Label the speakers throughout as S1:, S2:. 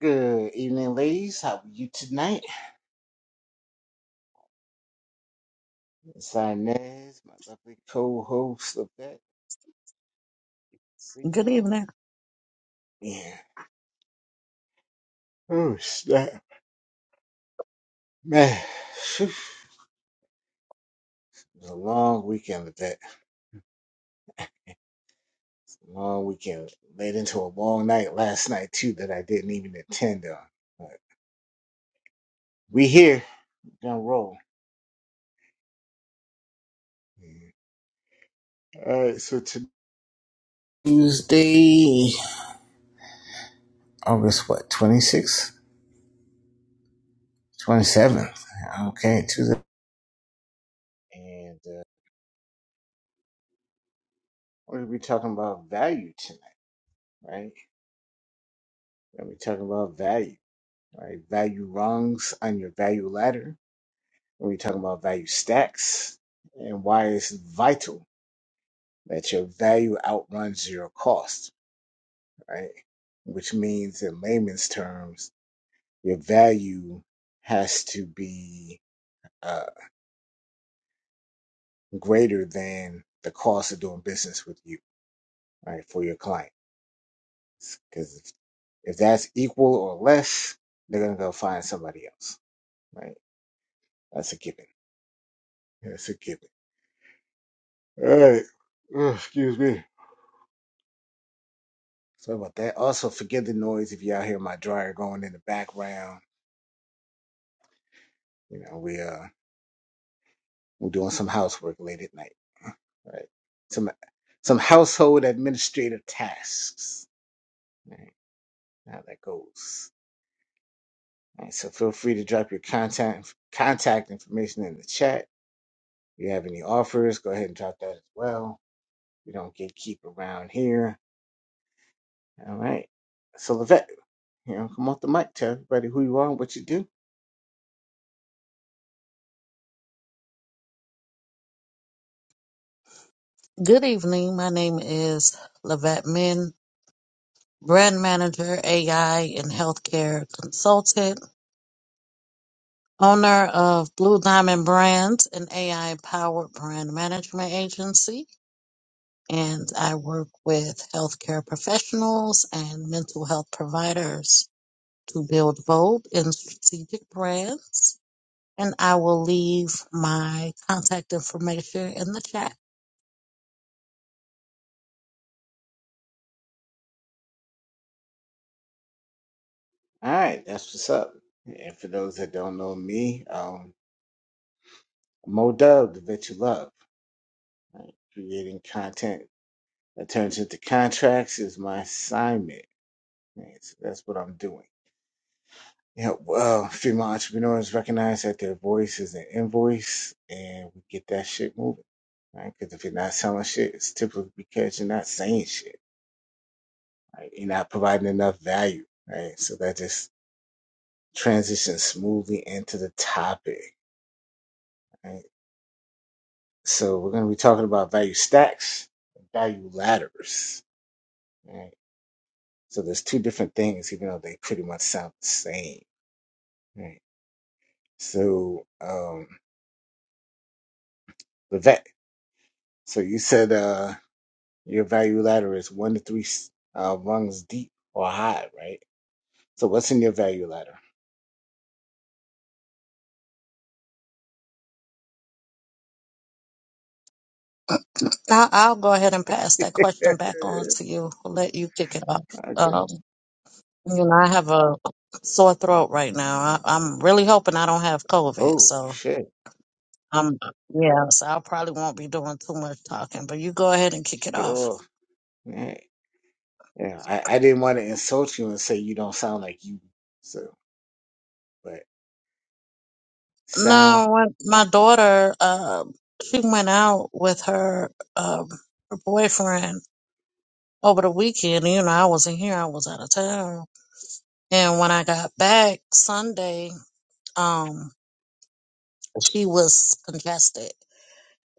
S1: Good evening, ladies. How are you tonight? It's Inez, my lovely co-host of that. See
S2: Good
S1: y'all.
S2: evening.
S1: Yeah. Oh snap, man. Phew. It was a long weekend of that. Long weekend led into a long night last night too that I didn't even attend on. But we here. Gonna roll. Yeah. All right. So to Tuesday, August what? Twenty sixth, twenty seventh. Okay, Tuesday. And uh, we're gonna be talking about value tonight, right? When we talking about value, right? Value rungs on your value ladder. When we talking about value stacks and why it's vital that your value outruns your cost, right? Which means in layman's terms, your value has to be uh, greater than the cost of doing business with you, right? For your clients. Because if, if that's equal or less, they're going to go find somebody else, right? That's a given. That's a given. All right. Ugh, excuse me. Sorry about that. Also, forgive the noise if y'all hear my dryer going in the background. You know, we uh we're doing some housework late at night. Right. Some some household administrative tasks. Right. How that goes. All right, so feel free to drop your contact contact information in the chat. If you have any offers, go ahead and drop that as well. We don't get keep around here. All right. So Levette, you know, come off the mic, tell everybody who you are and what you do.
S2: Good evening. My name is Lavette Min, brand manager, AI and healthcare consultant, owner of Blue Diamond Brands, an AI powered brand management agency. And I work with healthcare professionals and mental health providers to build bold and strategic brands. And I will leave my contact information in the chat.
S1: All right, that's what's up. And for those that don't know me, um, Mo Dub, the vet you love. Right? Creating content that turns into contracts is my assignment. Right? So that's what I'm doing. Yeah, well, female entrepreneurs recognize that their voice is an invoice, and we get that shit moving. Right? Because if you're not selling shit, it's typically because you're not saying shit. Right? You're not providing enough value. Right? So that just transitions smoothly into the topic. right? So we're going to be talking about value stacks and value ladders. Right? So there's two different things, even though they pretty much sound the same. Right? So um, the vet. So you said uh, your value ladder is one to three uh, rungs deep or high, right? So what's in your value ladder?
S2: I'll, I'll go ahead and pass that question back on to you. I'll let you kick it off.
S1: Okay.
S2: Um, you know, I have a sore throat right now. I, I'm really hoping I don't have COVID.
S1: Oh
S2: So
S1: shit!
S2: I'm, yeah, so I probably won't be doing too much talking, but you go ahead and kick it
S1: Get
S2: off.
S1: off. Yeah, yeah. I, I didn't want to insult you and say you don't sound like you. So, but sound
S2: No, when my daughter, uh, she went out with her, um, her boyfriend over the weekend. You know, I wasn't here. I was out of town. And when I got back Sunday, um, she was congested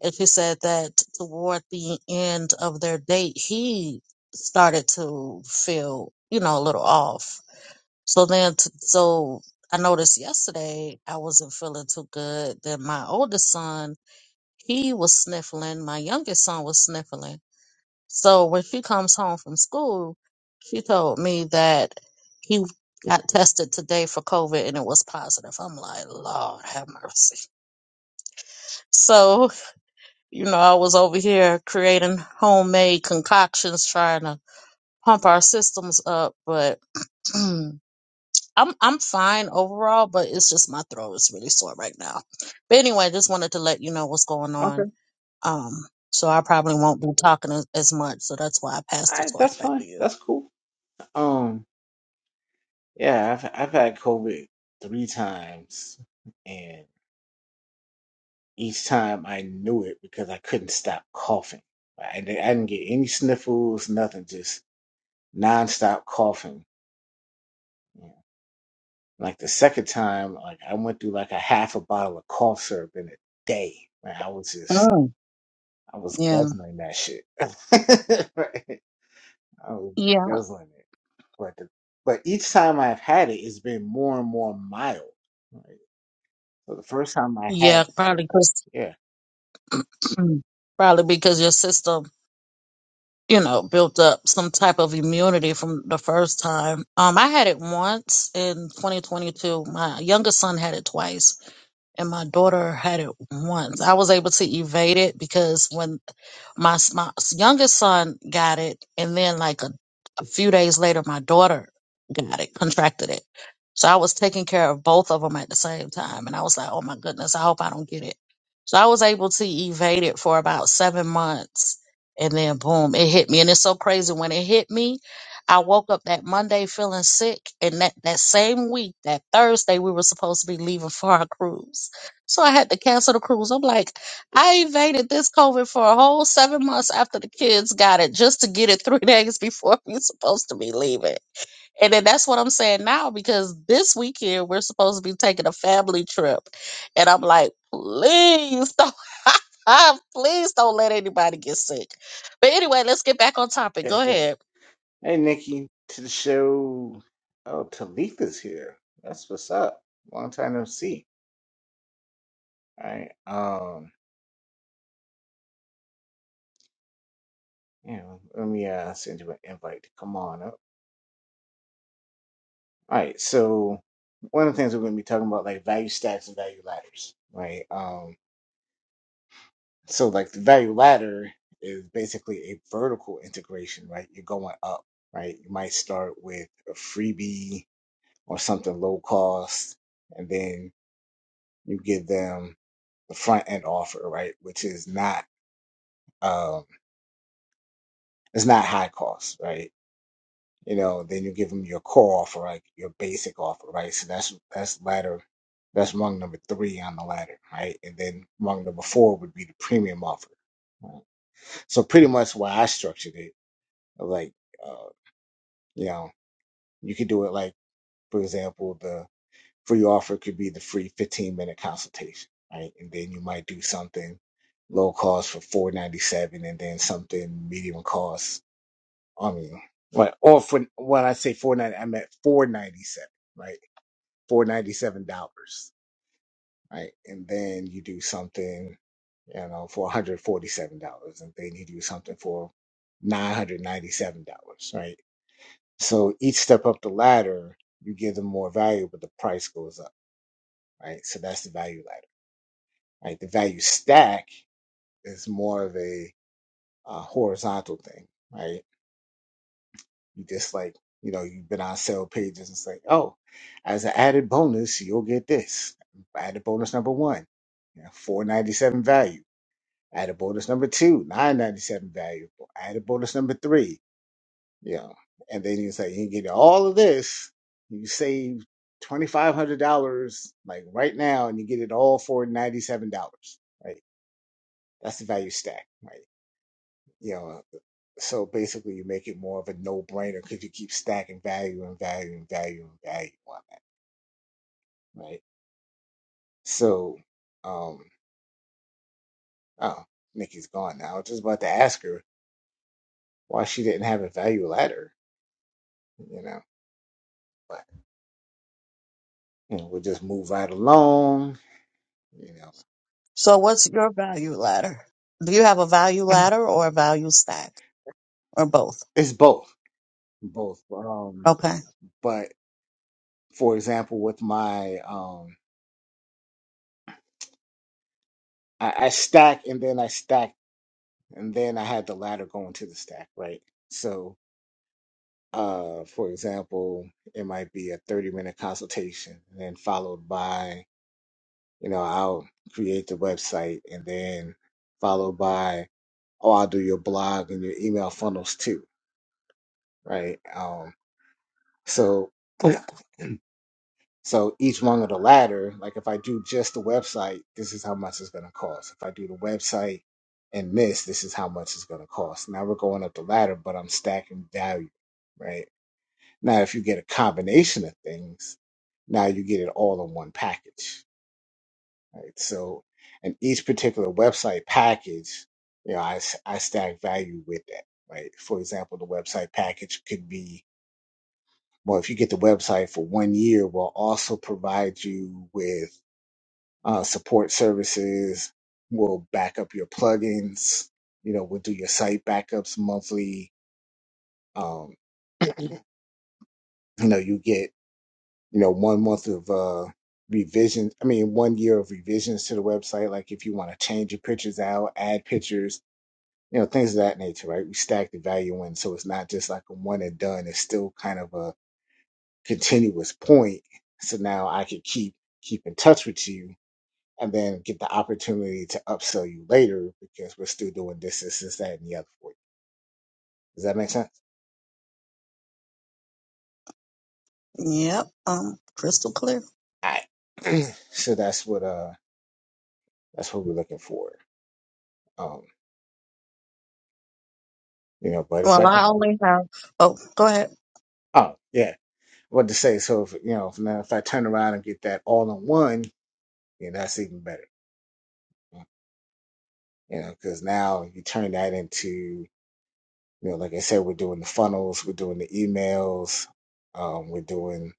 S2: And she said that toward the end of their date, he started to feel, you know, a little off. So then, t- so I noticed yesterday I wasn't feeling too good. Then my oldest son, he was sniffling. My youngest son was sniffling. So when she comes home from school, she told me that he got tested today for COVID and it was positive. I'm like, Lord have mercy. So You know, I was over here creating homemade concoctions, trying to pump our systems up. But I'm I'm fine overall, but it's just my throat is really sore right now. But anyway, just wanted to let you know what's going on.
S1: okay.
S2: Um, so I probably won't be talking as, as much. So that's why I passed
S1: All
S2: the
S1: right,
S2: torch
S1: that's
S2: back to
S1: fine.
S2: you.
S1: That's cool. Um, yeah, I've I've had COVID three times, and each time I knew it because I couldn't stop coughing. I, did I didn't get any sniffles, nothing, just nonstop coughing. Yeah. Like the second time, like I went through like a half a bottle of cough syrup in a day. Man, I was just
S2: Mm,
S1: I was
S2: yeah,
S1: guzzling that shit. Right? I was
S2: yeah,
S1: guzzling it, but the, but each time I've had it, it's been more and more mild. Right. So the first time I
S2: yeah.
S1: had,
S2: Probably because
S1: yeah.
S2: probably because your system you know, built up some type of immunity from the first time. Um, I had it once in 2022. My youngest son had it twice and my daughter had it once. I was able to evade it because when my s- my youngest son got it, and then like a, a few days later, my daughter got it, contracted it. So I was taking care of both of them at the same time, and I was like, "Oh my goodness, I hope I don't get it." So I was able to evade it for about seven months, and then boom, it hit me. And it's so crazy when it hit me. I woke up that Monday feeling sick, and that that same week, that Thursday, we were supposed to be leaving for our cruise so I had to cancel the cruise. I'm like, I evaded this COVID for a whole seven months after the kids got it just to get it three days before we're supposed to be leaving. And then that's what I'm saying now because this weekend we're supposed to be taking a family trip. And I'm like, please don't. Please don't let anybody get sick. But anyway, let's get back on topic. Go
S1: hey,
S2: ahead.
S1: Nikki, to the show. Oh, Talitha's here. That's what's up. Long time no see. All right. Um, you know, let me uh, send you an invite to come on up. All right. So one of the things we're going to be talking about, like value stacks and value ladders, right? Um, so like the value ladder is basically a vertical integration, right? You're going up, right? You might start with a freebie or something low cost, and then you give them the front end offer, right? Which is not um it's not high cost, right? You know, then you give them your core offer, right? Your basic offer, right? So that's that's ladder that's rung number three on the ladder, right? And then rung number four would be the premium offer. right? So pretty much why I structured it, like uh, you know, you could do it like for example the Free offer could be the free 15 minute consultation, right? And then you might do something low cost for 497 and then something medium cost. I mean, right. Or for when I say 490, I meant 497, right? $497, right? And then you do something, you know, for $147 and then you do something for $997, right? So each step up the ladder, you give them more value, but the price goes up, right? So that's the value ladder. right? The value stack is more of a uh, horizontal thing, right? You just like, you know, you've been on sale pages. It's like, oh, as an added bonus, you'll get this. Added bonus number one, you know, four ninety seven value. Added bonus number two, nine ninety seven value. Added bonus number three, you know, and then you say you get all of this, you save twenty five hundred dollars like right now, and you get it all for ninety seven dollars, right? That's the value stack, right? You know, so basically you make it more of a no-brainer because you keep stacking value and value and value and value on that, right? So, um, oh, Nikki's gone now. I was just about to ask her why she didn't have a value ladder, you know, but you know, we'll just move right along, you know.
S2: So, what's your value ladder? Do you have a value ladder or a value stack or both?
S1: It's both, both. Um, but for example, with my um, I, I stack and then I stack and then I had the ladder going to the stack, right? So. Uh, for example, it might be a 30 minute consultation and then followed by, you know, I'll create the website and then followed by, oh, I'll do your blog and your email funnels too, right? Um, so, so each one of the latter, like if I do just the website, this is how much it's going to cost. If I do the website and this, this is how much it's going to cost. Now we're going up the ladder, but I'm stacking value, right? Now, if you get a combination of things, now you get it all in one package. Right? So, and each particular website package, you know, I, s- I stack value with that. Right? For example, the website package could be well, if you get the website for one year, we'll also provide you with uh, support services. We'll back up your plugins. You know, we'll do your site backups monthly. Um, you know, you get you know, one month of uh, revisions. I mean, one year of revisions to the website. Like if you want to change your pictures out, add pictures, you know, things of that nature, right? We stack the value in, so it's not just like a one and done. It's still kind of a continuous point. So now I could keep keep in touch with you, and then get the opportunity to upsell you later because we're still doing this, this, this, that, and the other for you. Does that make sense?
S2: Yep, um, crystal clear.
S1: All right. so that's what uh that's what we're looking for. Um, you know, but if
S2: Well,
S1: I
S2: I
S1: can.
S2: only have, oh, go ahead.
S1: Oh yeah. what to say. So if you know, if now if I turn around and get that all in one, you know, that's even better. You know, because now you turn that into, you know, like I said, we're doing the funnels, we're doing the emails, um, we're doing,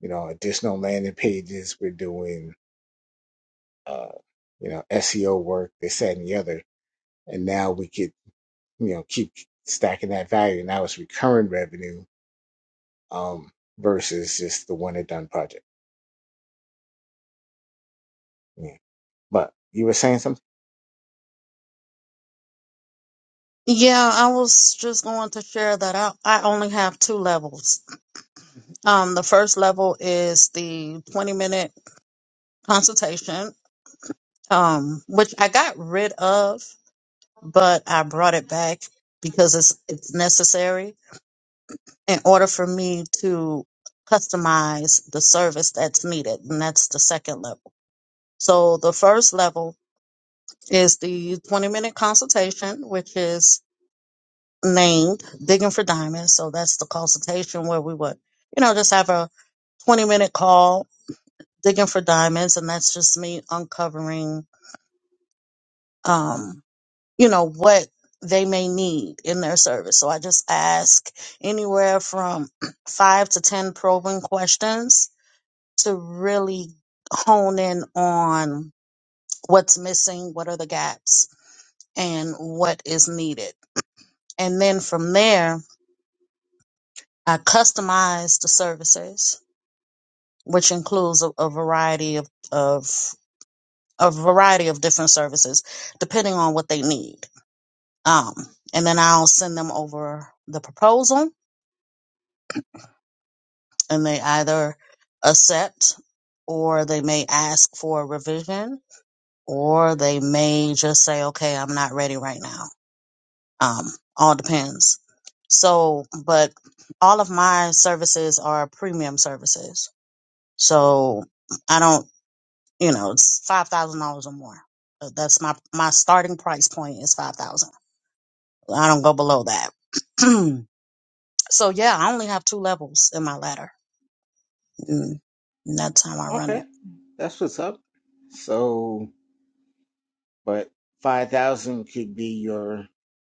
S1: you know, additional landing pages, we're doing, uh, you know, SEO work, this, that, and the other, and now we could, you know, keep stacking that value. Now it's recurring revenue, um, versus just the one and done project. Yeah. But you were saying something.
S2: Yeah, I was just going to share that I, I only have two levels. Um, the first level is the 20 minute consultation, um, which I got rid of, but I brought it back because it's, it's necessary in order for me to customize the service that's needed. And that's the second level. So the first level is the 20 minute consultation, which is named Digging for Diamonds. So that's the consultation where we would, you know, just have a 20 minute call, Digging for Diamonds. And that's just me uncovering, um, you know, what they may need in their service. So I just ask anywhere from five to 10 probing questions to really hone in on what's missing, what are the gaps, and what is needed. And then from there, I customize the services, which includes a, a variety of, of a variety of different services, depending on what they need. Um, and then I'll send them over the proposal, and they either accept, or they may ask for a revision, or they may just say, "Okay, I'm not ready right now." Um, all depends. So, but all of my services are premium services So I don't, you know, it's five thousand dollars or more. Uh, That's my my starting price point is five thousand. I don't go below that. so yeah, I only have two levels in my ladder. Mm, and that's how I run
S1: Okay,
S2: it.
S1: that's what's up. So, but five thousand could be your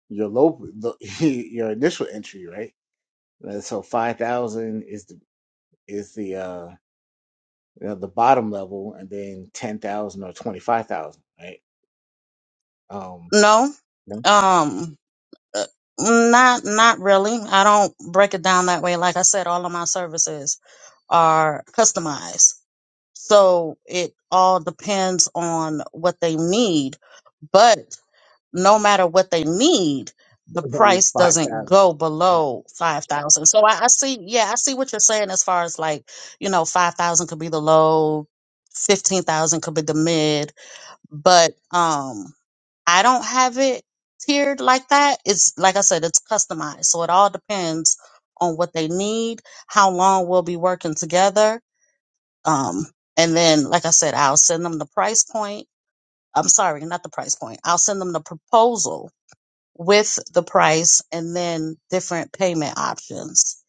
S1: your low the, your initial entry, right? Uh, So five thousand is the is the uh you know, the bottom level, and then ten thousand or twenty five thousand, right? Um,
S2: No,
S1: no,
S2: um, uh, not not really. I don't break it down that way. Like I said, all of my services are customized, so it all depends on what they need. But no matter what they need, the
S1: no,
S2: price
S1: five
S2: doesn't
S1: thousand.
S2: go below five thousand. So I, I see, yeah, I see what you're saying as far as like, you know, five thousand could be the low, fifteen thousand could be the mid, but um I don't have it tiered like that. It's like I said, it's customized. So it all depends on what they need, how long we'll be working together. Um and then like I said, I'll send them the price point. I'm sorry, not the price point. I'll send them the proposal with the price and then different payment options.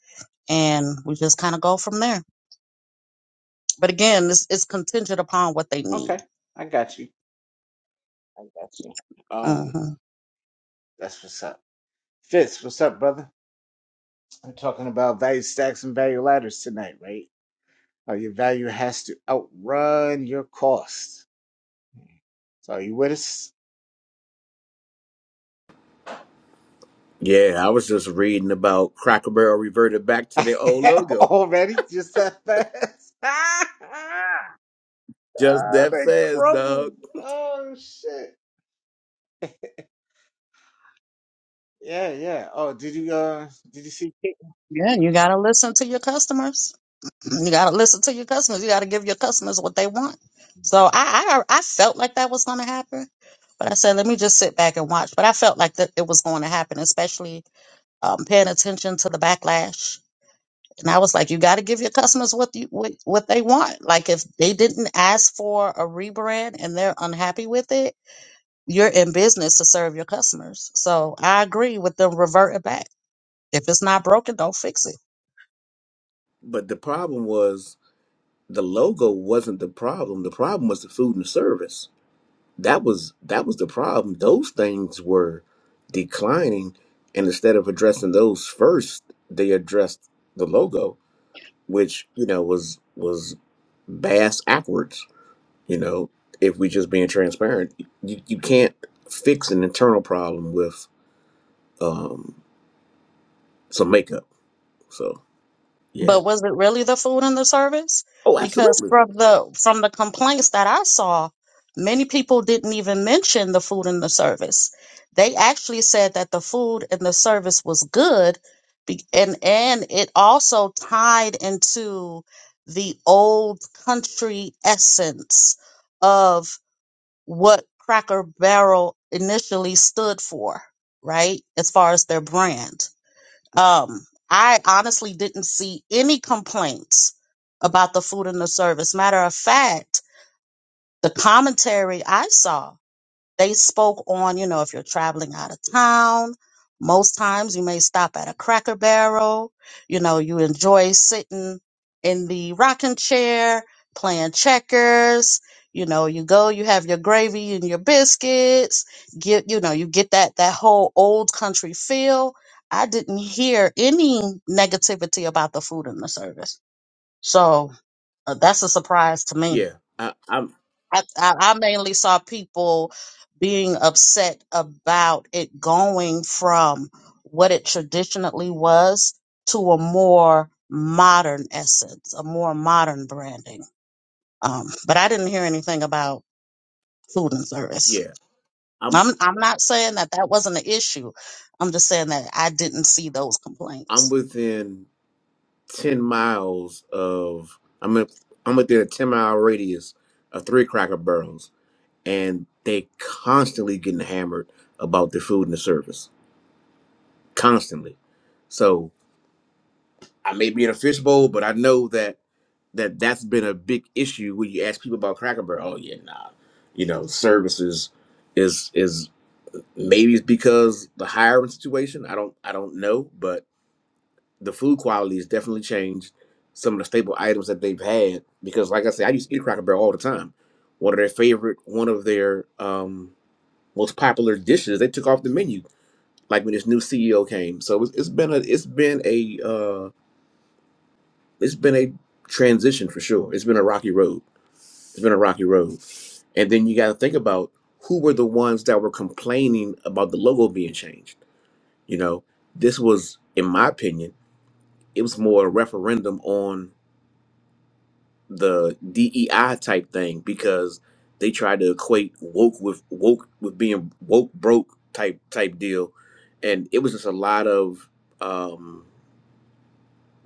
S2: And we just kind of go from there. But again, it's, it's contingent upon what they need.
S1: Okay, I got you. I got you. Um,
S2: hmm
S1: that's what's up. Fitz, what's up, brother? We're talking about value stacks and value ladders tonight, right? Uh, your value has to outrun your cost. So you with us
S3: Yeah, I was just reading about Cracker Barrel reverted back to their old logo
S1: already? Just that fast? oh,
S3: just that
S1: they
S3: fast, dog.
S1: crumbled. Oh shit. Yeah, yeah. Oh, did you uh did you see Kate?
S2: Yeah, you got to listen to your customers. Mm-hmm. You got to listen to your customers. You got to give your customers what they want. So I, I, I felt like that was going to happen. But I said, let me just sit back and watch. But I felt like that it was going to happen, especially um, paying attention to the backlash And I was like, you got to give your customers what you what, what they want. Like if they didn't ask for a rebrand and they're unhappy with it, you're in business to serve your customers. So I agree with them reverting back. If it's not broken, don't fix it.
S3: But the problem was the logo wasn't the problem. The problem was the food and the service. That was that was the problem. Those things were declining, and instead of addressing those first, they addressed the logo, which you know was was bass backwards. You know, if we just being transparent, you you can't fix an internal problem with. Um, some makeup. So yeah.
S2: But was it really the food and the service?
S3: Oh,
S2: Because
S3: absolutely.
S2: from the from the complaints that I saw, many people didn't even mention the food and the service. They actually said that the food and the service was good, be- and and it also tied into the old country essence of what Cracker Barrel initially stood for, right? As far as their brand um, I honestly didn't see any complaints about the food and the service. Matter of fact, the commentary I saw they spoke on, you know, if you're traveling out of town, most times you may stop at a cracker barrel. You know, you enjoy sitting in the rocking chair, playing checkers. You know, you go, you have your gravy and your biscuits. Get, you know, you get that that whole old country feel. I didn't hear any negativity about the food and the service. So uh, that's a surprise to me.
S3: Yeah. I, I'm
S2: I, I I mainly saw people being upset about it going from what it traditionally was to a more modern essence, a more modern branding. Um, but I didn't hear anything about food and service.
S3: yeah. I'm
S2: I'm I'm not saying that that wasn't an issue. I'm just saying that I didn't see those
S3: I'm
S2: complaints.
S3: within ten miles of I'm in, I'm within a ten mile radius of three cracker barrels and they constantly getting hammered about the food and the service. Constantly. So I may be in a fishbowl, but I know that that that's been a big issue when you ask people about Cracker Barrel. Oh yeah, nah, you know, services is is Maybe it's because the hiring situation. I don't I don't know, but the food quality has definitely changed some of the staple items that they've had. Because like I said, I used to eat Cracker Barrel all the time. One of their favorite, one of their um, most popular dishes, they took off the menu. Like when this new CEO came, so it's, it's been a it's been a uh, it's been a transition for sure. It's been a rocky road. It's been a rocky road. And then you got to think about who were the ones that were complaining about the logo being changed You know, this was, in my opinion, it was more a referendum on the DEI type thing because they tried to equate woke with woke with being woke broke type type deal, and it was just a lot of um,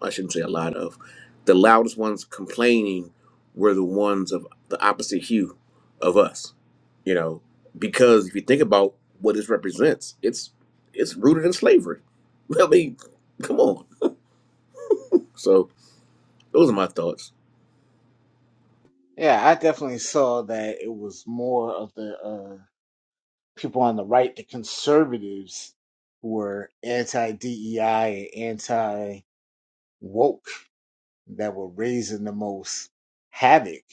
S3: I shouldn't say a lot of the loudest ones complaining were the ones of the opposite hue of us, you know, because if you think about what this represents, it's it's rooted in slavery. I mean, come on So those are my thoughts.
S1: Yeah, I definitely saw that it was more of the uh people on the right, the conservatives who were anti DEI and anti woke that were raising the most havoc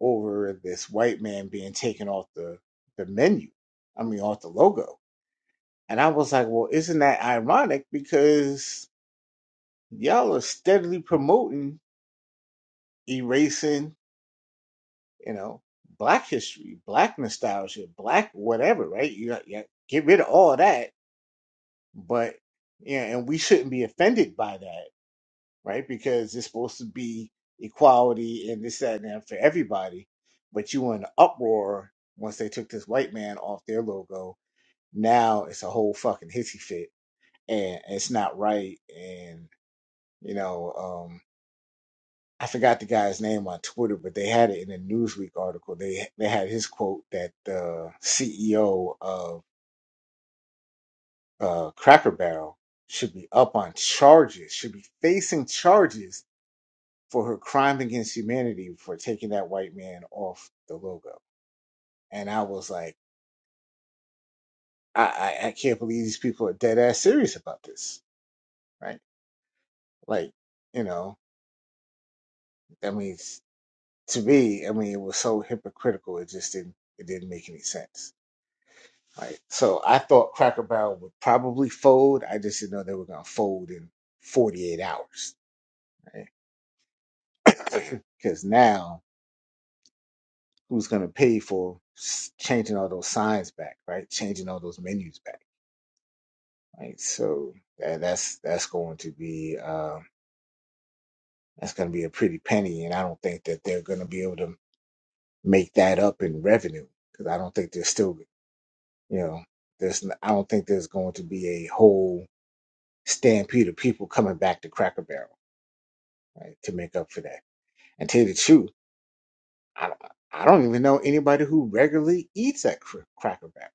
S1: over this white man being taken off the the menu. I mean, off the logo. And I was like, well, isn't that ironic? Because y'all are steadily promoting erasing, you know, black history, black nostalgia, black whatever, right? You got, you got get rid of all that, but yeah, and we shouldn't be offended by that, right? Because it's supposed to be equality and this, that, and that for everybody. But you were in an uproar once they took this white man off their logo Now it's a whole fucking hissy fit, and it's not right. And you know, um, I forgot the guy's name on Twitter, but they had it in a Newsweek article. They they had his quote that the CEO of uh, Cracker Barrel should be up on charges, should be facing charges for her crime against humanity for taking that white man off the logo. And I was like, I, I, I can't believe these people are dead ass serious about this, right? Like, you know, that means to me, I mean, it was so hypocritical. It just didn't it didn't make any sense. Right. So I thought Cracker Barrel would probably fold. I just didn't know they were going to fold in 48 hours. Right. Because now, who's going to pay for s- changing all those signs back? Right. Changing all those menus back. Right. So that, that's that's going to be uh, that's going to be a pretty penny, and I don't think that they're going to be able to make that up in revenue because I don't think they're still You know, there's n- I don't think there's going to be a whole stampede of people coming back to Cracker Barrel right, to make up for that. And to tell you the truth, I don't, I don't even know anybody who regularly eats at Cr- Cracker Barrel.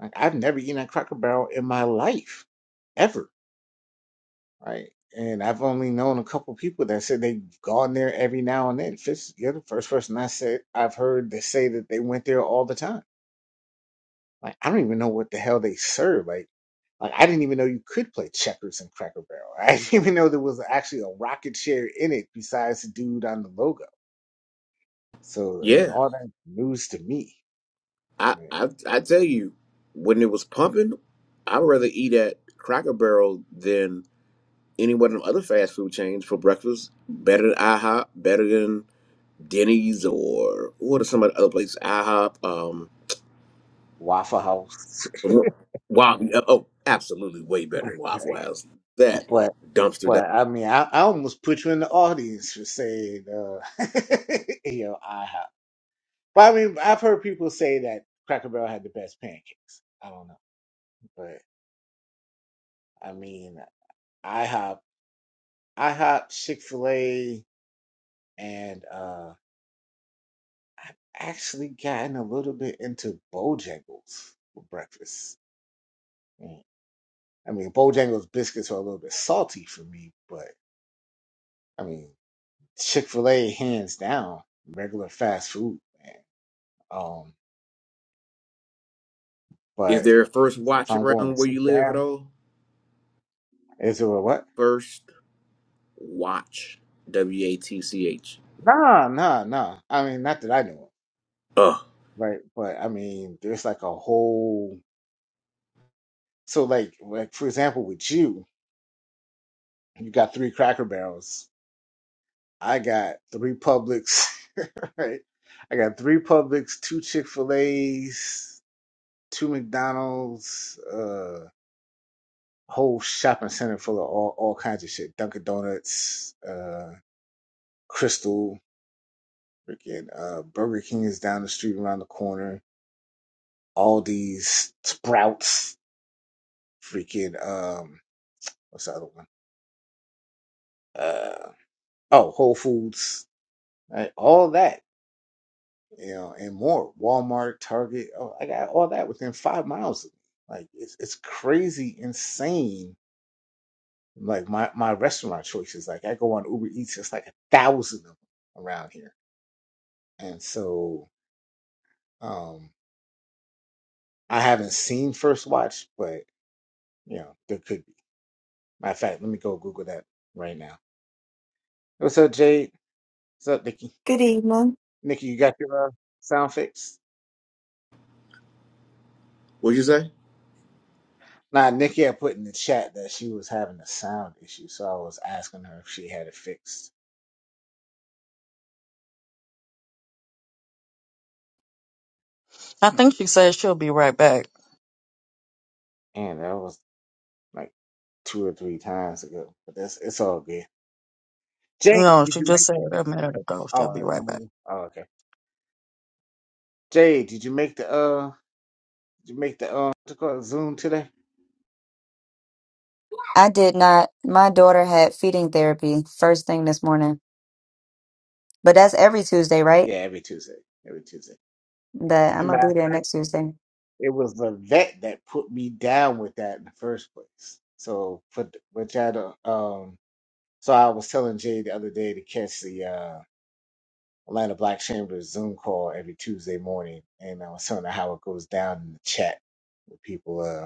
S1: Like I've never eaten at Cracker Barrel in my life, ever. Right. And I've only known a couple people that said they've gone there every now and then. Fitz, you're the first person I said I've heard that say that they went there all the time Like I don't even know what the hell they serve. Like like I didn't even know you could play checkers in Cracker Barrel. I didn't even know there was actually a rocket chair in it besides the dude on the logo. So I mean,
S3: Yeah,
S1: all that news to me.
S3: I
S1: Right.
S3: I, I tell you, when it was pumping, I'd rather eat at Cracker Barrel than any one of the other fast food chains for breakfast. Better than IHOP, better than Denny's or what are some of the other places? IHOP, um,
S1: Waffle House,
S3: Wow, oh, absolutely, way better than Waffle
S1: Right.
S3: House. That
S1: but
S3: dumpster dive.
S1: but I mean, I, I almost put you in the audience for saying, uh, you know, IHOP. But I mean, I've heard people say that Cracker Barrel had the best pancakes. I don't know, but I mean, IHOP. IHOP, Chick Fil A, and uh, I've actually gotten a little bit into Bojangles for breakfast. Mm. I mean, Bojangles biscuits are a little bit salty for me, but I mean, Chick Fil A hands down, regular fast food, man. Um,
S3: Is
S1: but
S3: there a first
S1: if
S3: watch
S1: I'm going to
S3: around where
S1: sit
S3: you live at
S1: down,
S3: all?
S1: is it a what?
S3: First watch, W A T C H.
S1: Nah, nah, nah. I mean, not that I know of,
S3: Uh,
S1: right? But I mean, there's like a whole. So, like, like for example, with you, you got three Cracker Barrels I got three Publix, right? I got three Publix, two Chick-fil-A's, two McDonald's, uh whole shopping center full of all, all kinds of shit. Dunkin' Donuts, uh Crystal, freaking uh Burger King is down the street around the corner. All these Sprouts, freaking um what's the other one? Uh oh, Whole Foods, right? All that. you know, and more. Walmart, Target, oh, I got all that within five miles of me. Like it's it's crazy, insane. Like my my restaurant choices. Like I go on Uber Eats, it's like a thousand of them around here. And so um I haven't seen First Watch, but you know, there could be. Matter of fact, let me go Google that right now. What's up, Jade? What's up, Nikki?
S4: Good evening.
S1: Nikki, you got your uh, sound fixed?
S3: what'd you say?
S1: Nah, Nikki had put in the chat that she was having a sound issue, so I was asking her if she had it fixed.
S2: I think she said she'll be right back.
S1: And that was like two or three times ago. But that's it's all good. Jay,
S2: No,
S1: did
S2: she
S1: you
S2: just
S1: make?
S2: said a minute ago
S1: Oh,
S2: she'll be
S1: I
S2: right back.
S1: remember. oh, okay. Jay, did you make the uh? Did you make the uh? What's it called? Zoom today?
S4: I did not. My daughter had feeding therapy first thing this morning. But that's every Tuesday, right?
S1: Yeah, every Tuesday. Every Tuesday.
S4: That I'm
S1: And
S4: gonna
S1: matter
S4: be there
S1: of fact,
S4: next Tuesday.
S1: it was the vet that put me down with that in the first place. So put which I do um. So I was telling Jay the other day to catch the uh Atlanta Black Chamber Zoom call every Tuesday morning, and I was telling her how it goes down in the chat with people. Uh,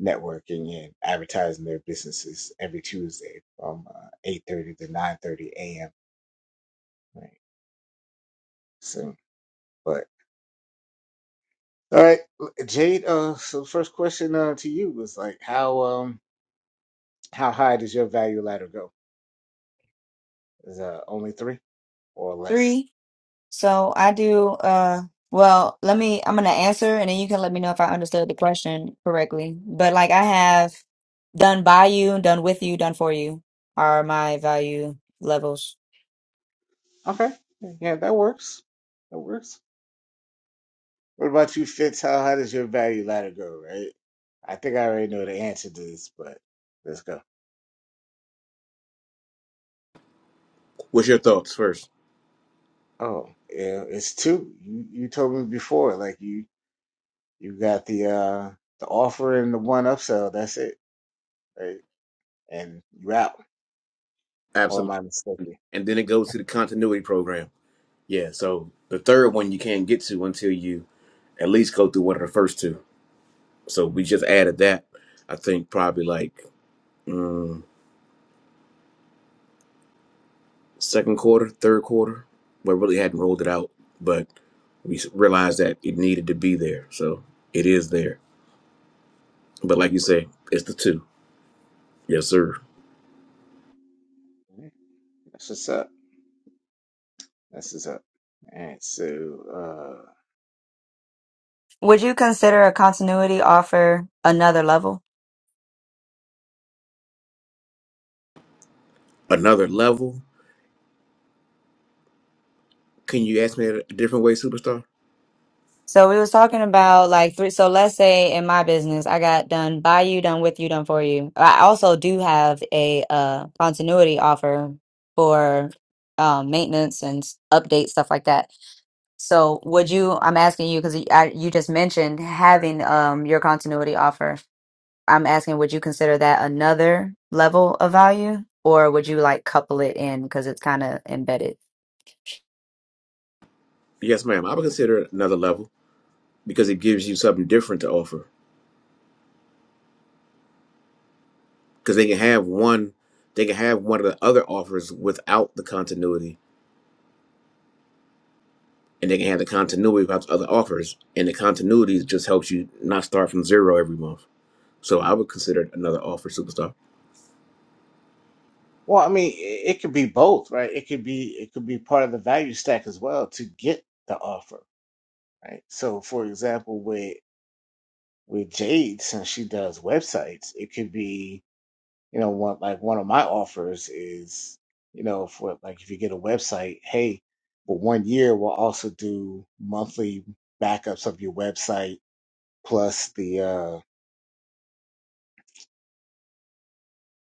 S1: networking and advertising their businesses every Tuesday from uh, 8.30 to 9.30 a.m. Right. So, but all right, Jade. Uh, so first question uh, to you was like, how um how high does your value ladder go? Is uh only three or less?
S4: Three. So I do uh well, let me I'm gonna answer and then you can let me know if I understood the question correctly. But like I have done by you, done with you, done for you are my value levels.
S1: Okay, yeah, that works. That works. What about you, Fitz? How high does your value ladder go? Right. I think I already know the answer to this, but let's go.
S3: What's your thoughts first?
S1: Oh, yeah, it's two. You, you told me before, like you You got the uh the offer and the one upsell. That's it. Right? And you out. Or am
S3: Absolutely.
S1: I mistaken?
S3: And then it goes to the continuity program. Yeah, so the third one you can't get to until you at least go through one of the first two. So we just added that, I think probably like mm, second quarter, third quarter. We really hadn't rolled it out, but we s- realized that it needed to be there. So it is there. But like you say, it's the two. Yes, sir.
S1: Alright, That's what's up. That's what's up. And so, uh,
S4: Would you consider a continuity offer another level?
S3: Another level. Can you ask me that a different way, superstar?
S4: So we was talking about like three. So let's say in my business, I got done by you, done with you, done for you. I also do have a uh, continuity offer for um, maintenance and s- update stuff like that. So would you? I'm asking you because you, I- you just mentioned having um, your continuity offer. I'm asking, would you consider that another level of value, or would you like couple it in because it's kind of embedded?
S3: Yes, ma'am. I would consider it another level because it gives you something different to offer because they can have one they can have one of the other offers without the continuity and they can have the continuity without the other offers and the continuity just helps you not start from zero every month so i would consider it another offer superstar
S1: well, I mean, it, it could be both, right? It could be it could be part of the value stack as well to get the offer, right? So, for example, with with Jade, since she does websites, it could be you know one like one of my offers is you know for like if you get a website hey for one year we'll also do monthly backups of your website plus the uh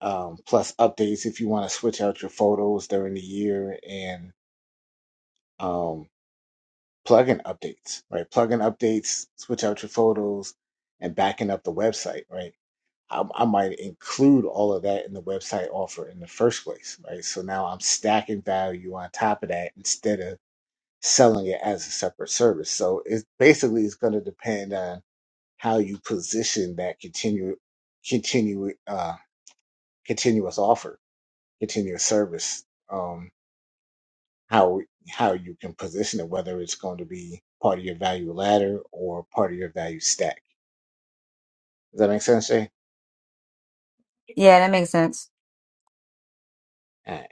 S1: um plus updates if you want to switch out your photos during the year and um plugin updates right plugin updates switch out your photos and backing up the website right I, I might include all of that in the website offer in the first place, right? So now I'm stacking value on top of that instead of selling it as a separate service. So it basically is going to depend on how you position that continue, continue, uh, continuous offer, continuous service. Um, how how you can position it, whether it's going to be part of your value ladder or part of your value stack. Does that make sense, Jay?
S4: Yeah, that makes sense.
S1: All right,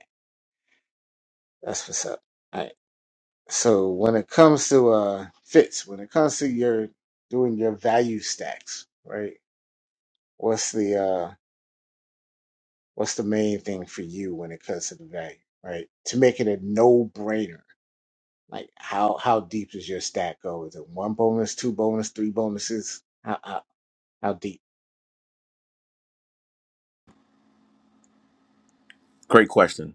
S1: that's what's up. All right. So when it comes to uh fits, when it comes to your doing your value stacks, right? What's the uh what's the main thing for you when it comes to the value, right? To make it a no brainer. Like how how deep does your stack go? Is it one bonus, two bonus, three bonuses? How how, how deep?
S3: great question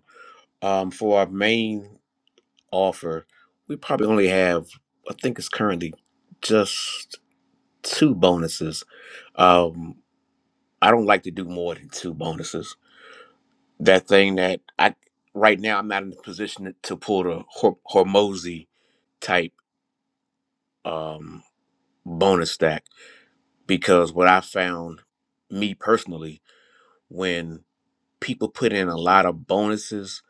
S3: um, for our main offer we probably only have i think it's currently just two bonuses Um, I don't like to do more than two bonuses. That thing that I right now I'm not in a position to pull the Hor- Hormozy type um, bonus stack because what I found, me personally, when people put in a lot of bonuses,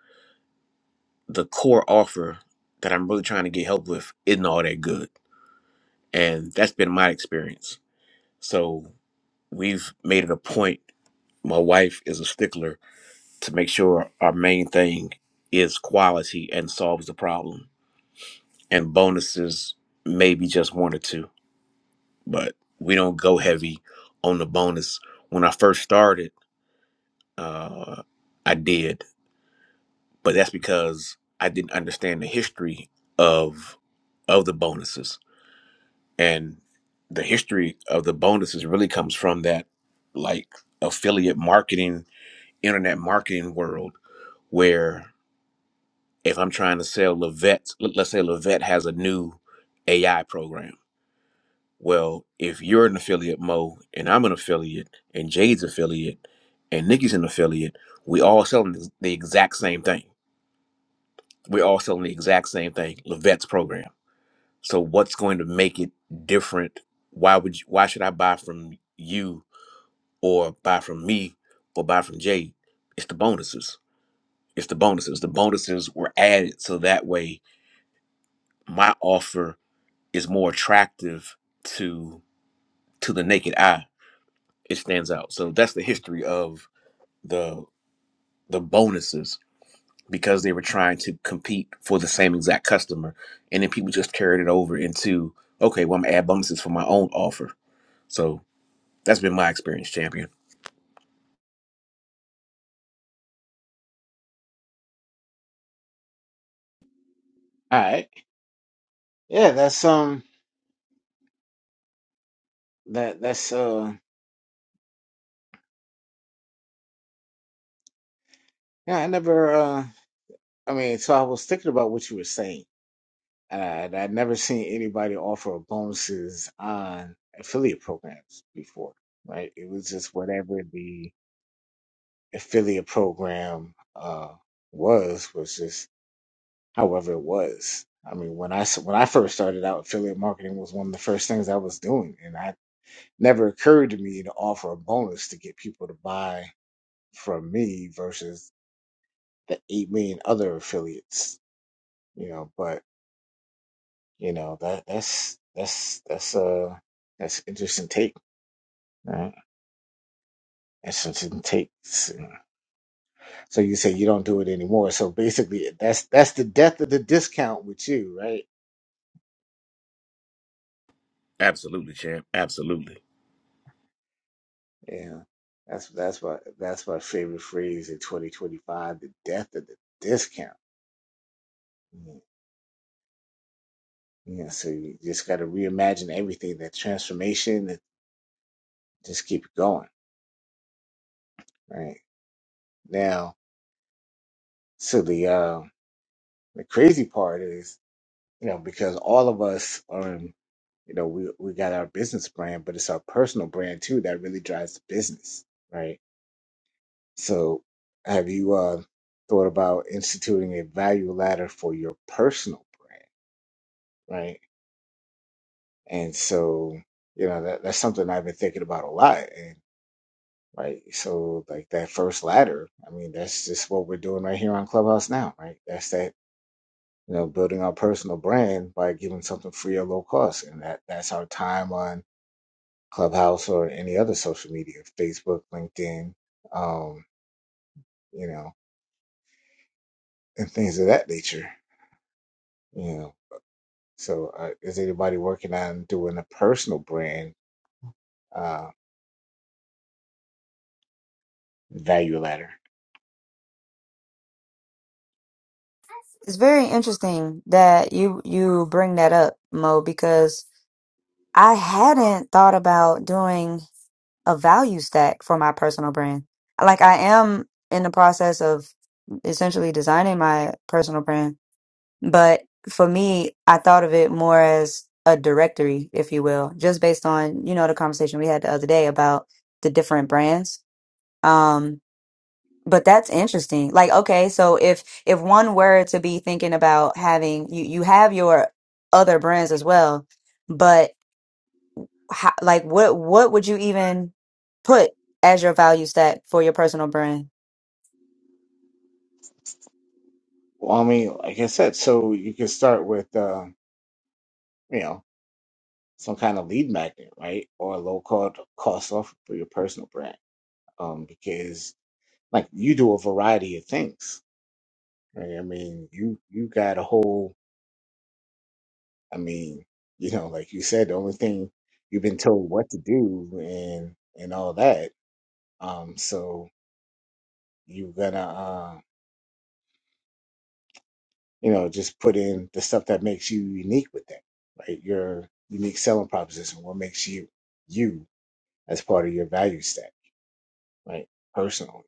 S3: the core offer that I'm really trying to get help with isn't all that good, and that's been my experience. So we've made it a point. My wife is a stickler to make sure our main thing is quality and solves the problem. And bonuses, maybe just one or two, but we don't go heavy on the bonus. When I first started, uh, I did, but that's because I didn't understand the history of of the bonuses and the history of the bonuses really comes from that like affiliate marketing internet marketing world where. if I'm trying to sell Levette, let- let's say Levette has a new AI program. Well, if you're an affiliate, Mo, and I'm an affiliate, and Jade's affiliate, and Nikki's an affiliate, we all selling the the exact same thing. We're all selling the exact same thing, Levette's program. So what's going to make it different? Why would you, why should I buy from you or buy from me or buy from Jade? It's the bonuses. It's the bonuses. The bonuses were added so that way my offer is more attractive to to the naked eye. It stands out. So that's the history of the the bonuses because they were trying to compete for the same exact customer, and then people just carried it over into okay, well I'm gonna add bonuses for my own offer. So that's been my experience, champion.
S1: All right. Yeah, that's um that that's uh yeah, I never uh I mean, so I was thinking about what you were saying and I'd never seen anybody offer bonuses on affiliate programs before, right? It was just whatever the affiliate program uh, was, was just however it was. I mean, when I s- when I first started out, affiliate marketing was one of the first things I was doing, and I never occurred to me to offer a bonus to get people to buy from me versus the eight million other affiliates, you know. But You know that that's that's that's uh that's interesting take, right? Interesting takes. So you say you don't do it anymore. So basically, that's that's the death of the discount with you, right?
S3: Absolutely, champ. Absolutely.
S1: Yeah, that's that's my that's my favorite phrase in 2025: the death of the discount. Yeah, Yeah, so you just got to reimagine everything. That transformation, and just keep it going, right? Now, so the uh, the crazy part is, you know, because all of us are. in you know, we we got our business brand, but it's our personal brand too that really drives the business, right? So, have you uh, thought about instituting a value ladder for your personal brand, right? And so, you know, that that's something I've been thinking about a lot, and right. So, like that first ladder, I mean, that's just what we're doing right here on Clubhouse now, right? That's that. You know, building our personal brand by giving something free or low cost, and that that's our time on Clubhouse or any other social media, Facebook, LinkedIn, um, you know, and things of that nature. You know, so uh, is anybody working on doing a personal brand uh, value ladder?
S4: It's very interesting that you you bring that up, Mo, because I hadn't thought about doing a value stack for my personal brand. Like I am in the process of essentially designing my personal brand, But for me, I thought of it more as a directory, if you will, just based on, you know, the conversation we had the other day about the different brands. Um, but that's interesting. Like, okay, so if if one were to be thinking about having you you have your other brands as well, but how, like what what would you even put as your value stack for your personal brand?
S1: Well, I mean, like I said, so you can start with, uh, you know, some kind of lead magnet, right, or a low cost cost offer for your personal brand, um, because like you do a variety of things. Right? I mean, you you got a whole I mean, you know, like you said, the only thing you've been told what to do and and all that. Um, so you're gonna, uh, you know, just put in the stuff that makes you unique with that, right? Your unique selling proposition, what makes you you as part of your value stack, right? Personally,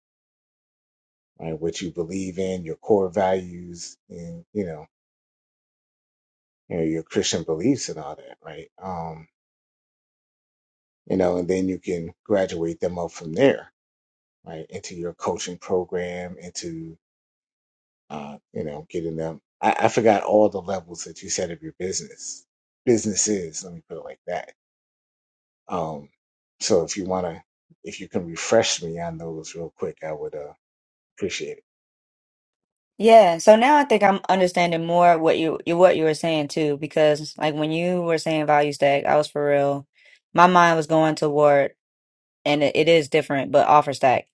S1: right? What you believe in, your core values, and you know, you know, your Christian beliefs and all that, right? Um, you know, and then you can graduate them up from there right into your coaching program into uh, you know getting them I, I forgot all the levels that you said of your business businesses let me put it like that um, so if you want to if you can refresh me on those real quick i would uh, appreciate it
S4: Yeah, so now I think I'm understanding more what you you- what you were saying too, because like when you were saying value stack, I was for real. My mind was going toward, and it, it is different, but offer stack.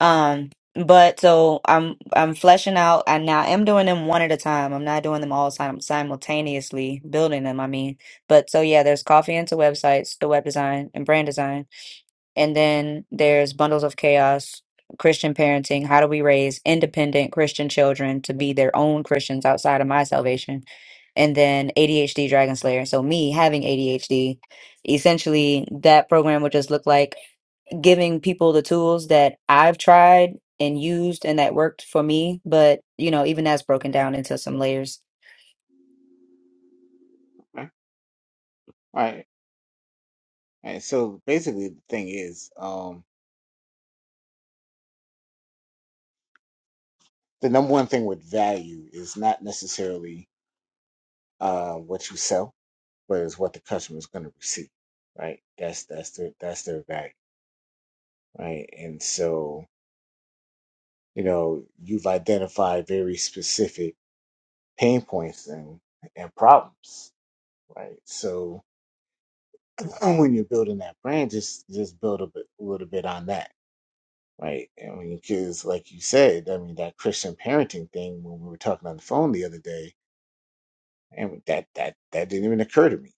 S4: Um, but so I'm I'm fleshing out, and now i am doing them one at a time. I'm not doing them all sim simultaneously, building them. I mean, but so yeah, there's coffee into websites, the web design and brand design. And then there's Bundles of Chaos, Christian Parenting. How do we raise independent Christian children to be their own Christians outside of my salvation? And then ADHD Dragon Slayer. So, me having ADHD, essentially, that program would just look like giving people the tools that I've tried and used and that worked for me. But, you know, even that's broken down into some layers.
S1: okay. all right all right so basically the thing is um, the number one thing with value is not necessarily uh, what you sell but is what the customer is going to receive right that's that's their that's their value right and so you know, you've identified very specific pain points and, and problems, right? So when you're building that brand, just just build a, bit, a little bit on that, right? And when because like you said, I mean, that Christian parenting thing when we were talking on the phone the other day, and that that that didn't even occur to me,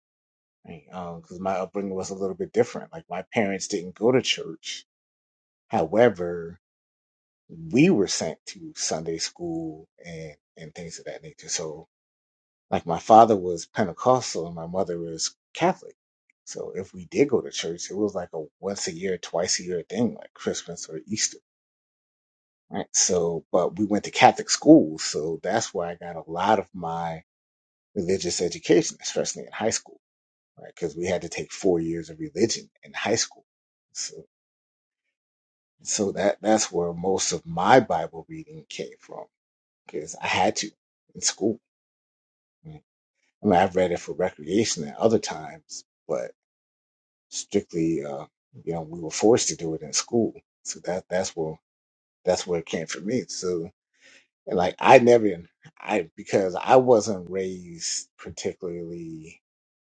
S1: right? Um, Because my upbringing was a little bit different. Like my parents didn't go to church, however, we were sent to Sunday school and and things of that nature. So Like my father was Pentecostal and my mother was Catholic. So if we did go to church, it was like a once a year, twice a year thing, like Christmas or Easter. Right. So, but we went to Catholic schools. So that's where I got a lot of my religious education, especially in high school, right? Because we had to take four years of religion in high school. So, so that, that's where most of my Bible reading came from because I had to in school. right? I mean, I've read it for recreation at other times, but strictly uh you know we were forced to do it in school so that that's where that's where it came for me so and like i never i because i wasn't raised particularly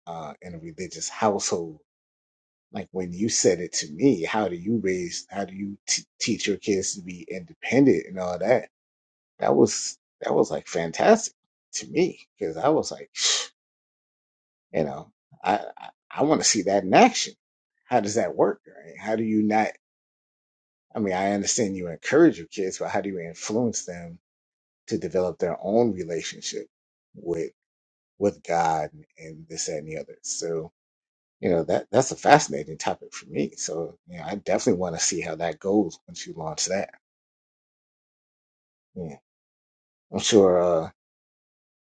S1: uh in a religious household like when you said it to me how do you raise how do you t- teach your kids to be independent and all that that was that was like fantastic to me because i was like you know i i, I want to see that in action how does that work right? how do you not I mean, I understand you encourage your kids, but how do you influence them to develop their own relationship with with God and this that, and the other? So, you know, that that's a fascinating topic for me. So, you know, I definitely want to see how that goes once you launch that. Yeah. I'm sure uh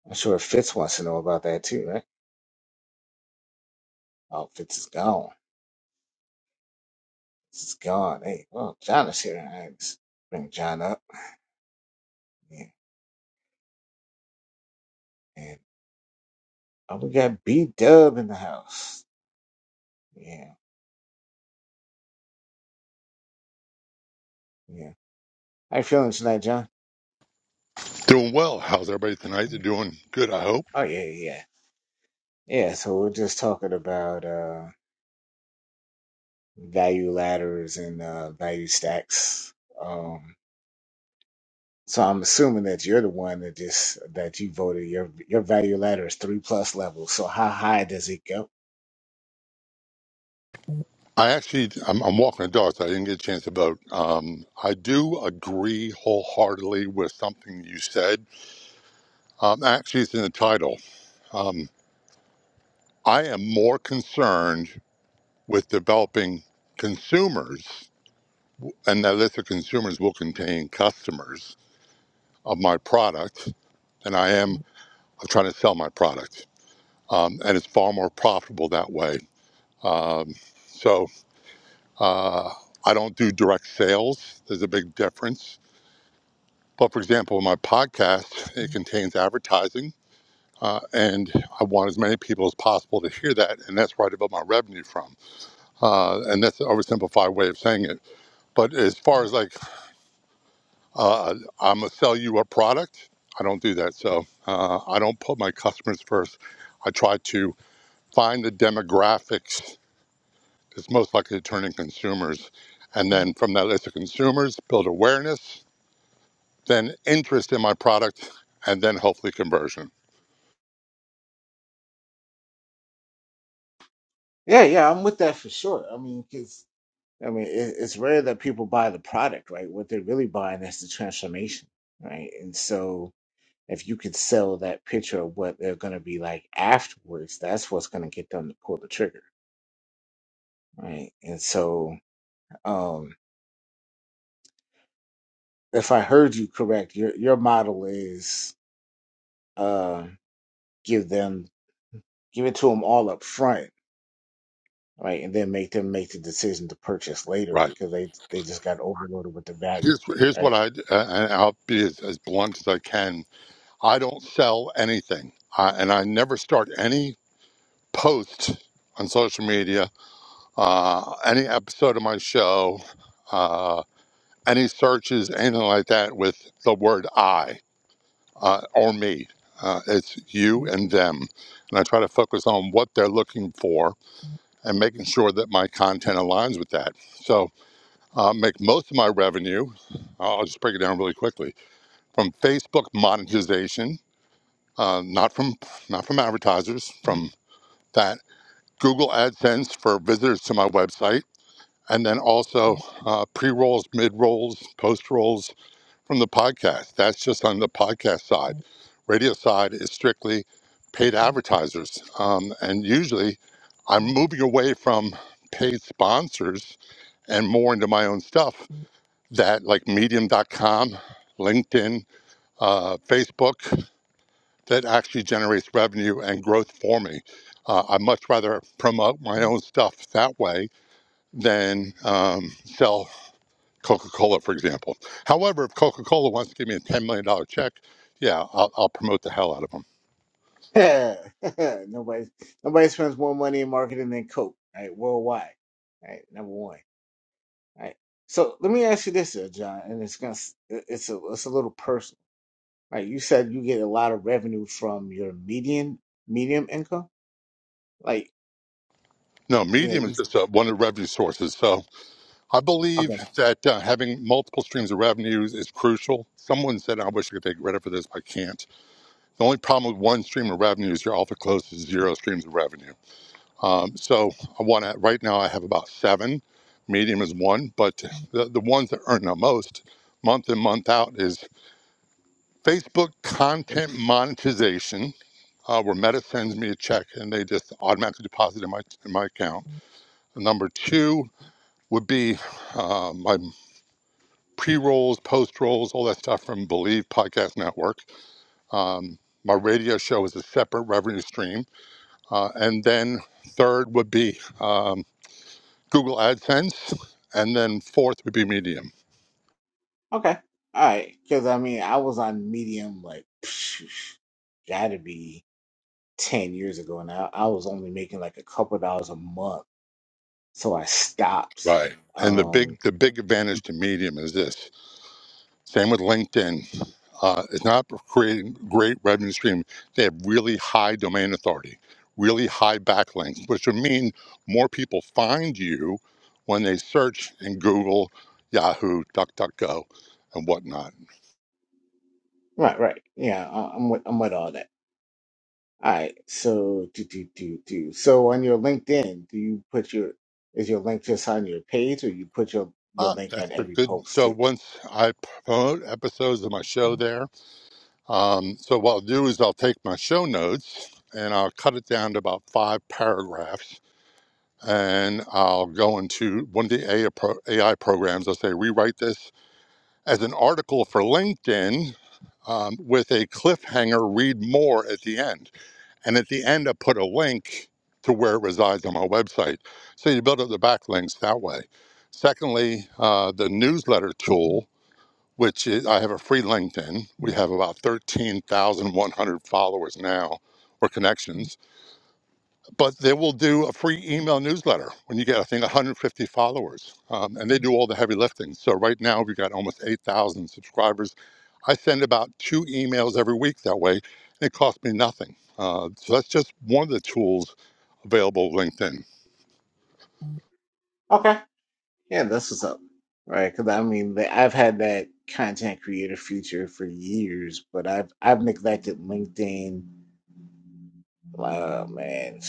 S1: I'm sure Fitz wants to know about that too, right? Oh, Fitz is gone. Fitz is gone. Hey, well, John is here. I just bring John up. Yeah. And oh, we got B Dub in the house. Yeah, yeah. How you feeling tonight, John?
S5: Doing well. How's everybody tonight? They're doing good, I hope.
S1: Oh yeah, yeah, yeah. So we're just talking about uh, value ladders and uh, value stacks. Um, so I'm assuming that you're the one that just that you voted your your value ladder is three plus levels. So how high does it go?
S5: I actually, I'm, I'm walking a dog, so I didn't get a chance to vote. Um, I do agree wholeheartedly with something you said. Um, actually, it's in the title. Um, I am more concerned with developing consumers, and that list of consumers will contain customers of my product, than I am of trying to sell my product. Um, and it's far more profitable that way. Um, so, Uh, I don't do direct sales. There's a big difference. But for example, my podcast it contains advertising, uh, and I want as many people as possible to hear that, and that's where I develop my revenue from. Uh, and that's an oversimplified way of saying it. But as far as like uh, I'm gonna sell you a product, I don't do that. So uh, I don't put my customers first. I try to find the demographics that's most likely to turn in consumers, and then from that list of consumers, build awareness then interest in my product, and then hopefully conversion.
S1: Yeah, yeah, I'm with that for sure. I mean, because I mean, it, it's rare that people buy the product, right? What they're really buying is the transformation, right? And so if you could sell that picture of what they're going to be like afterwards, that's what's going to get them to pull the trigger right? And so, um, if I heard you correct, your your model is uh, give them give it to them all up front, right, and then make them make the decision to purchase later
S5: Right.
S1: because they they just got overloaded with the value,
S5: Here's, here's
S1: right?
S5: what I, uh, and I'll be as, as blunt as I can. I don't sell anything, uh, and I never start any post on social media, uh, any episode of my show, uh, any searches, anything like that with the word I uh, or me. Uh, it's you and them. And I try to focus on what they're looking for and making sure that my content aligns with that. So, uh, make most of my revenue. I'll just break it down really quickly from Facebook monetization, uh, not from not from advertisers, from that Google AdSense for visitors to my website, and then also uh, pre rolls, mid rolls, post rolls from the podcast. That's just on the podcast side. Radio side is strictly paid advertisers, um, and usually I'm moving away from paid sponsors and more into my own stuff that like medium.com linkedin uh, facebook that actually generates revenue and growth for me uh, i much rather promote my own stuff that way than um, sell coca-cola for example however if coca-cola wants to give me a $10 million dollars check yeah i'll, I'll promote the hell out of them
S1: nobody nobody spends more money in marketing than Coke, right? Worldwide, right? Number one, right? So let me ask you this, uh, John, and it's gonna s- it's a it's a little personal, right? You said you get a lot of revenue from your median medium income Like,
S5: no
S1: yeah,
S5: medium
S1: you-
S5: is just uh, one of the revenue sources so i
S1: okay,
S5: believe that uh, having multiple streams of revenues is crucial someone said i wish i could take credit for this but i can't The only problem with one stream of revenue is you're awful close to zero streams of revenue. Um, so I want to, right now I have about seven. Medium is one, but the, the ones that earn the most month in, month out is Facebook content monetization, uh, where Meta sends me a check and they just automatically deposit in my, in my account. Number two would be uh, my pre rolls, post rolls, all that stuff from Believe Podcast Network. Um, my radio show is a separate revenue stream Uh, and then third would be um, Google AdSense, and then fourth would be Medium.
S1: okay, all right. Because I mean, I was on Medium like, gotta be ten years ago, and I, I was only making like a couple dollars a month, so I stopped.
S5: Right. And the
S1: Um,
S5: big the big advantage to Medium is this. Same with LinkedIn. Uh, it's not creating great revenue stream. They have really high domain authority, really high backlinks, which would mean more people find you when they search in Google, Yahoo, DuckDuckGo, and whatnot.
S1: right, right, yeah, I, I'm with, I'm with all that. All right, so do do do do. So on your LinkedIn, do you put your is your link just on your page, or you put your your
S5: Uh,
S1: link on
S5: that's a
S1: every
S5: good.
S1: post
S5: So
S1: too?
S5: once I promote episodes of my show there, Um, so what I'll do is I'll take my show notes and I'll cut it down to about five paragraphs, and I'll go into one of the AI, pro- AI programs. I'll say rewrite this as an article for LinkedIn um, with a cliffhanger. Read more at the end, and at the end I put a link to where it resides on my website. So you build up the backlinks that way. Secondly, uh, the newsletter tool which is I have a free LinkedIn. We have about 13,100 followers now or connections, but they will do a free email newsletter when you get, I think, 150 followers. Um, and they do all the heavy lifting. So right now we've got almost 8,000 subscribers. I send about two emails every week that way, and it costs me nothing. Uh, so that's just one of the tools available with LinkedIn.
S1: Okay, Yeah, that's what's up. Right? Because I mean, the, I've had that content creator future for years, but I've I've neglected LinkedIn. Uh, man,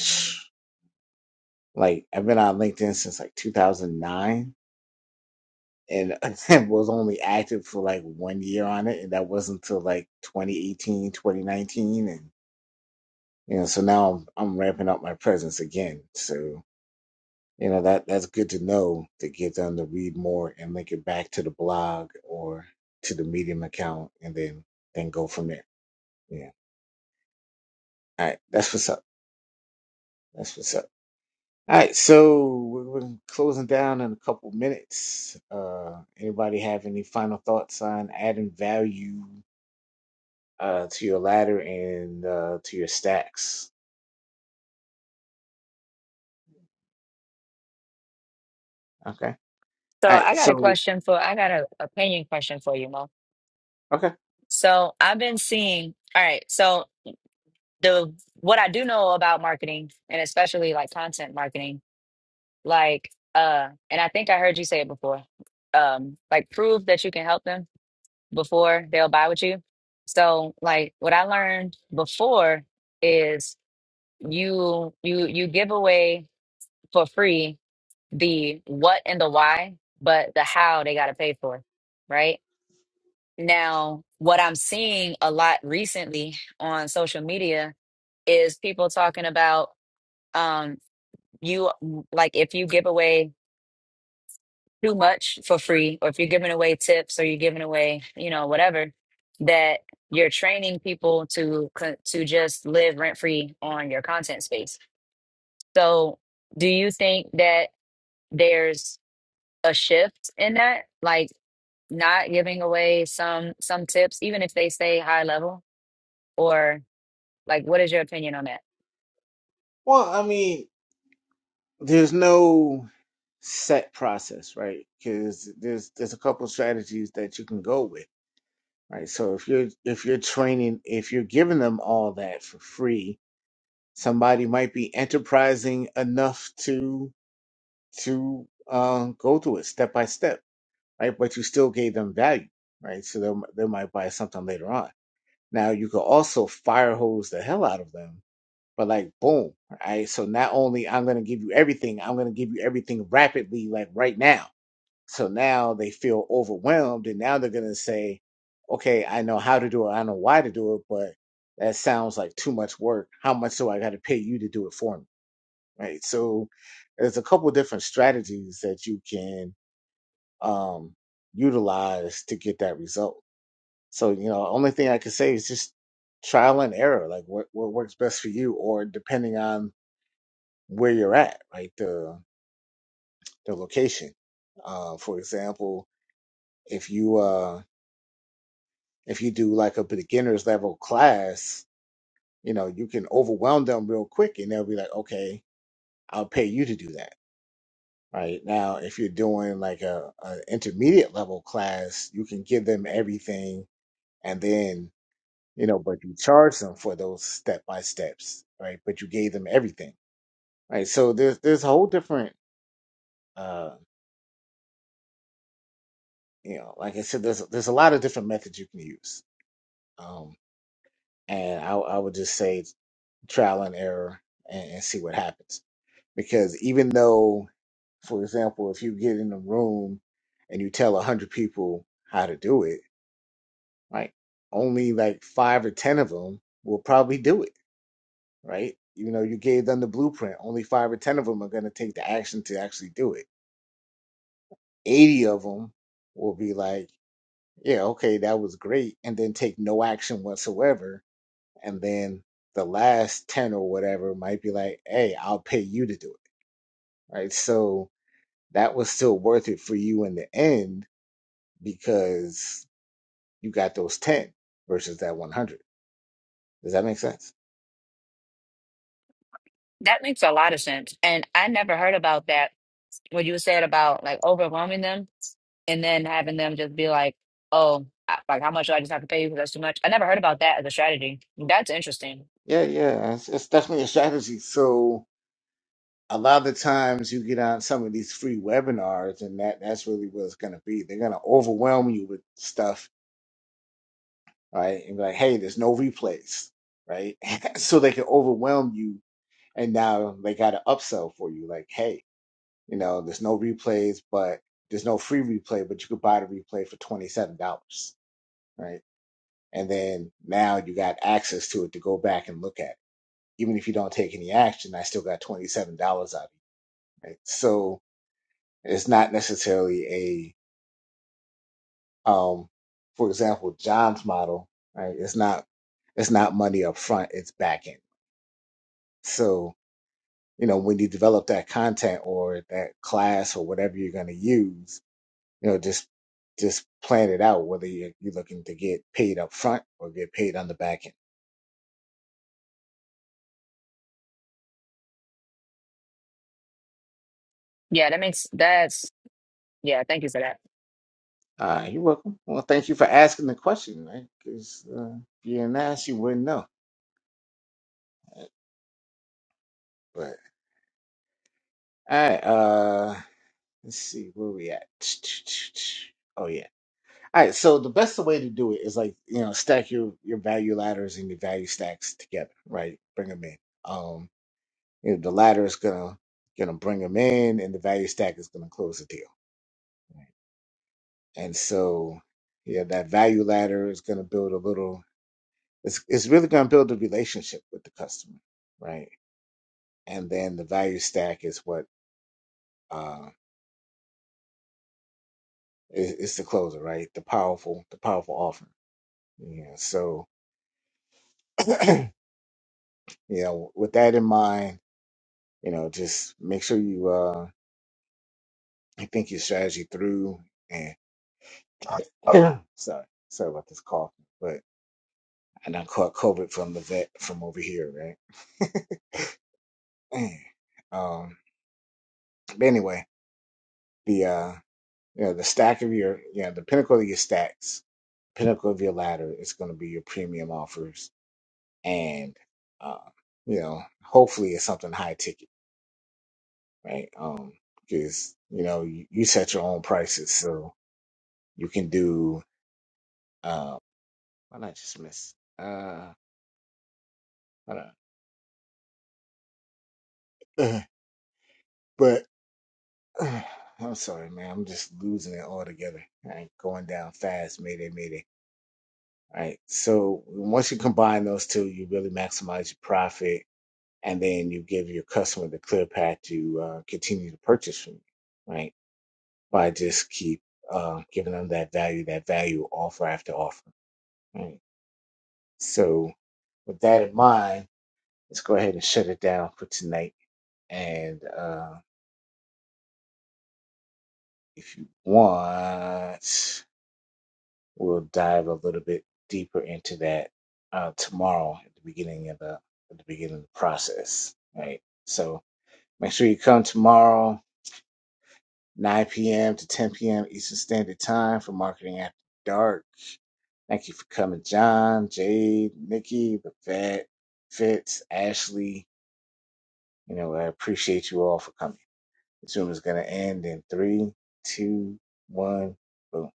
S1: like I've been on LinkedIn since like 2009, and I was only active for like one year on it, and that wasn't until like 2018, 2019, and you know, so now I'm I'm ramping up my presence again. So. You know that that's good to know to get them to read more and link it back to the blog or to the Medium account, and then then go from there. Yeah. All right. That's what's up. That's what's up. All right. So we're, we're closing down in a couple minutes. Uh, anybody have any final thoughts on adding value uh, to your ladder and uh, to your stacks? Okay. All
S4: So I
S1: right.
S4: got a
S1: So
S4: question for I got an opinion question for you, Mo.
S1: okay.
S4: So I've been seeing. All right. so. the what I do know about marketing and especially like content marketing, like uh and I think I heard you say it before. Um like prove that you can help them before they'll buy with you. So like what I learned before is you you you give away for free the what and the why, but the how they got to pay for, right? Now, what I'm seeing a lot recently on social media is people talking about um you like if you give away too much for free or if you're giving away tips or you're giving away you know whatever that you're training people to co- to just live rent free on your content space so do you think that there's a shift in that like not giving away some some tips even if they stay high level or like what is your opinion on that
S1: Well, I mean, there's no set process, right? Because there's there's a couple strategies that you can go with, right? So if you're if you're training, if you're giving them all that for free, somebody might be enterprising enough to to um, go through it step by step, right? But you still gave them value, right? So they they might buy something later on. Now you could also fire hose the hell out of them but like, boom. All right. So not only I'm gonna give you everything, I'm gonna give you everything rapidly, like right now. So now they feel overwhelmed and now they're gonna say, Okay, I know how to do it, I know why to do it, but that sounds like too much work. How much do I gotta pay you to do it for me? Right. So there's a couple different strategies that you can um utilize to get that result. So, you know, only thing I can say is just trial and error, like what, what works best for you, or depending on where you're at, right? The the location. Uh, for example, if you uh if you do like a beginner's level class, you know, you can overwhelm them real quick and they'll be like, okay, I'll pay you to do that. Right now, if you're doing like a, a intermediate level class, you can give them everything and then, you know, but you charge them for those step by steps, right? But you gave them everything, right? So there's, there's a whole different, uh, You know, like I said, there's there's a lot of different methods you can use, um, and I, I would just say trial and error and, and see what happens. Because even though, for example, if you get in a room and you tell a hundred people how to do it, right, only like five or ten of them will probably do it, right? You know, you gave them the blueprint. Only five or ten of them are going to take the action to actually do it. Eighty of them will be like, yeah, okay, that was great, and then take no action whatsoever and then the last 10 or whatever might be like hey i'll pay you to do it right so that was still worth it for you in the end because you got those 10 versus that 100 does that make sense
S4: that makes a lot of sense and i never heard about that what you said about like overwhelming them and then having them just be like, "Oh, I- like how much do I just have to pay you because that's too much." I never heard about that as a strategy. That's interesting.
S1: yeah yeah it's, it's definitely a strategy so a lot of the times you get on some of these free webinars and that that's really what it's going to be they're going to overwhelm you with stuff right and be like hey there's no replays right so they can overwhelm you and now they got an upsell for you like hey you know there's no replays but there's no free replay but you could buy the replay for $27 right and then now you got access to it to go back and look at it. even if you don't take any action i still got $27 out of you, right so it's not necessarily a um for example john's model right it's not it's not money up front it's back end so you know, when you develop that content or that class or whatever you're going to use, you know, just just plan it out whether you're, you're looking to get paid up front or get paid on the back end.
S4: Yeah, that makes that's yeah. Thank you for that.
S1: Uh, you're welcome. Well, thank you for asking the question, right? Because uh, if you didn't ask, you wouldn't know. But all right, uh, let's see where we at. Oh yeah. All right. So the best way to do it is like you know stack your your value ladders and your value stacks together, right? Bring them in. Um, You know, the latter is gonna gonna bring them in, and the value stack is gonna close the deal. Right. And so, yeah, that value ladder is gonna build a little. It's it's really gonna build a relationship with the customer, right? And then the value stack is what uh is, is the closer, right? The powerful, the powerful offer. Yeah. So, you know, with that in mind, you know, just make sure you uh think your strategy through and sorry, sorry about this cough, but and I caught COVID from the vet from over here, right? Um, but anyway, the uh, you know, the stack of your, you know, the pinnacle of your stacks, pinnacle of your ladder is going to be your premium offers, and uh, you know, hopefully it's something high ticket, right? Um, because you know you, you set your own prices, so you can do. Uh, why not just miss? Uh, hold on. But I'm sorry, man. I'm just losing it altogether. All right, going down fast. Mayday, mayday. All right. So once you combine those two, you really maximize your profit, and then you give your customer the clear path to uh, continue to purchase from you, right? By just keep uh, giving them that value, that value offer after offer. Right. So with that in mind, let's go ahead and shut it down for tonight. And uh, if you want. We'll dive a little bit deeper into that uh, tomorrow at the beginning of the at the beginning of the process. Right. So make sure you come tomorrow, 9 p.m. to 10 p.m. Eastern Standard Time for Marketing After Dark. Thank you for coming, John, Jade, Nikki, the Vet, Fitz, Ashley. You know, I appreciate you all for coming. This room is gonna end in three, two, one, boom.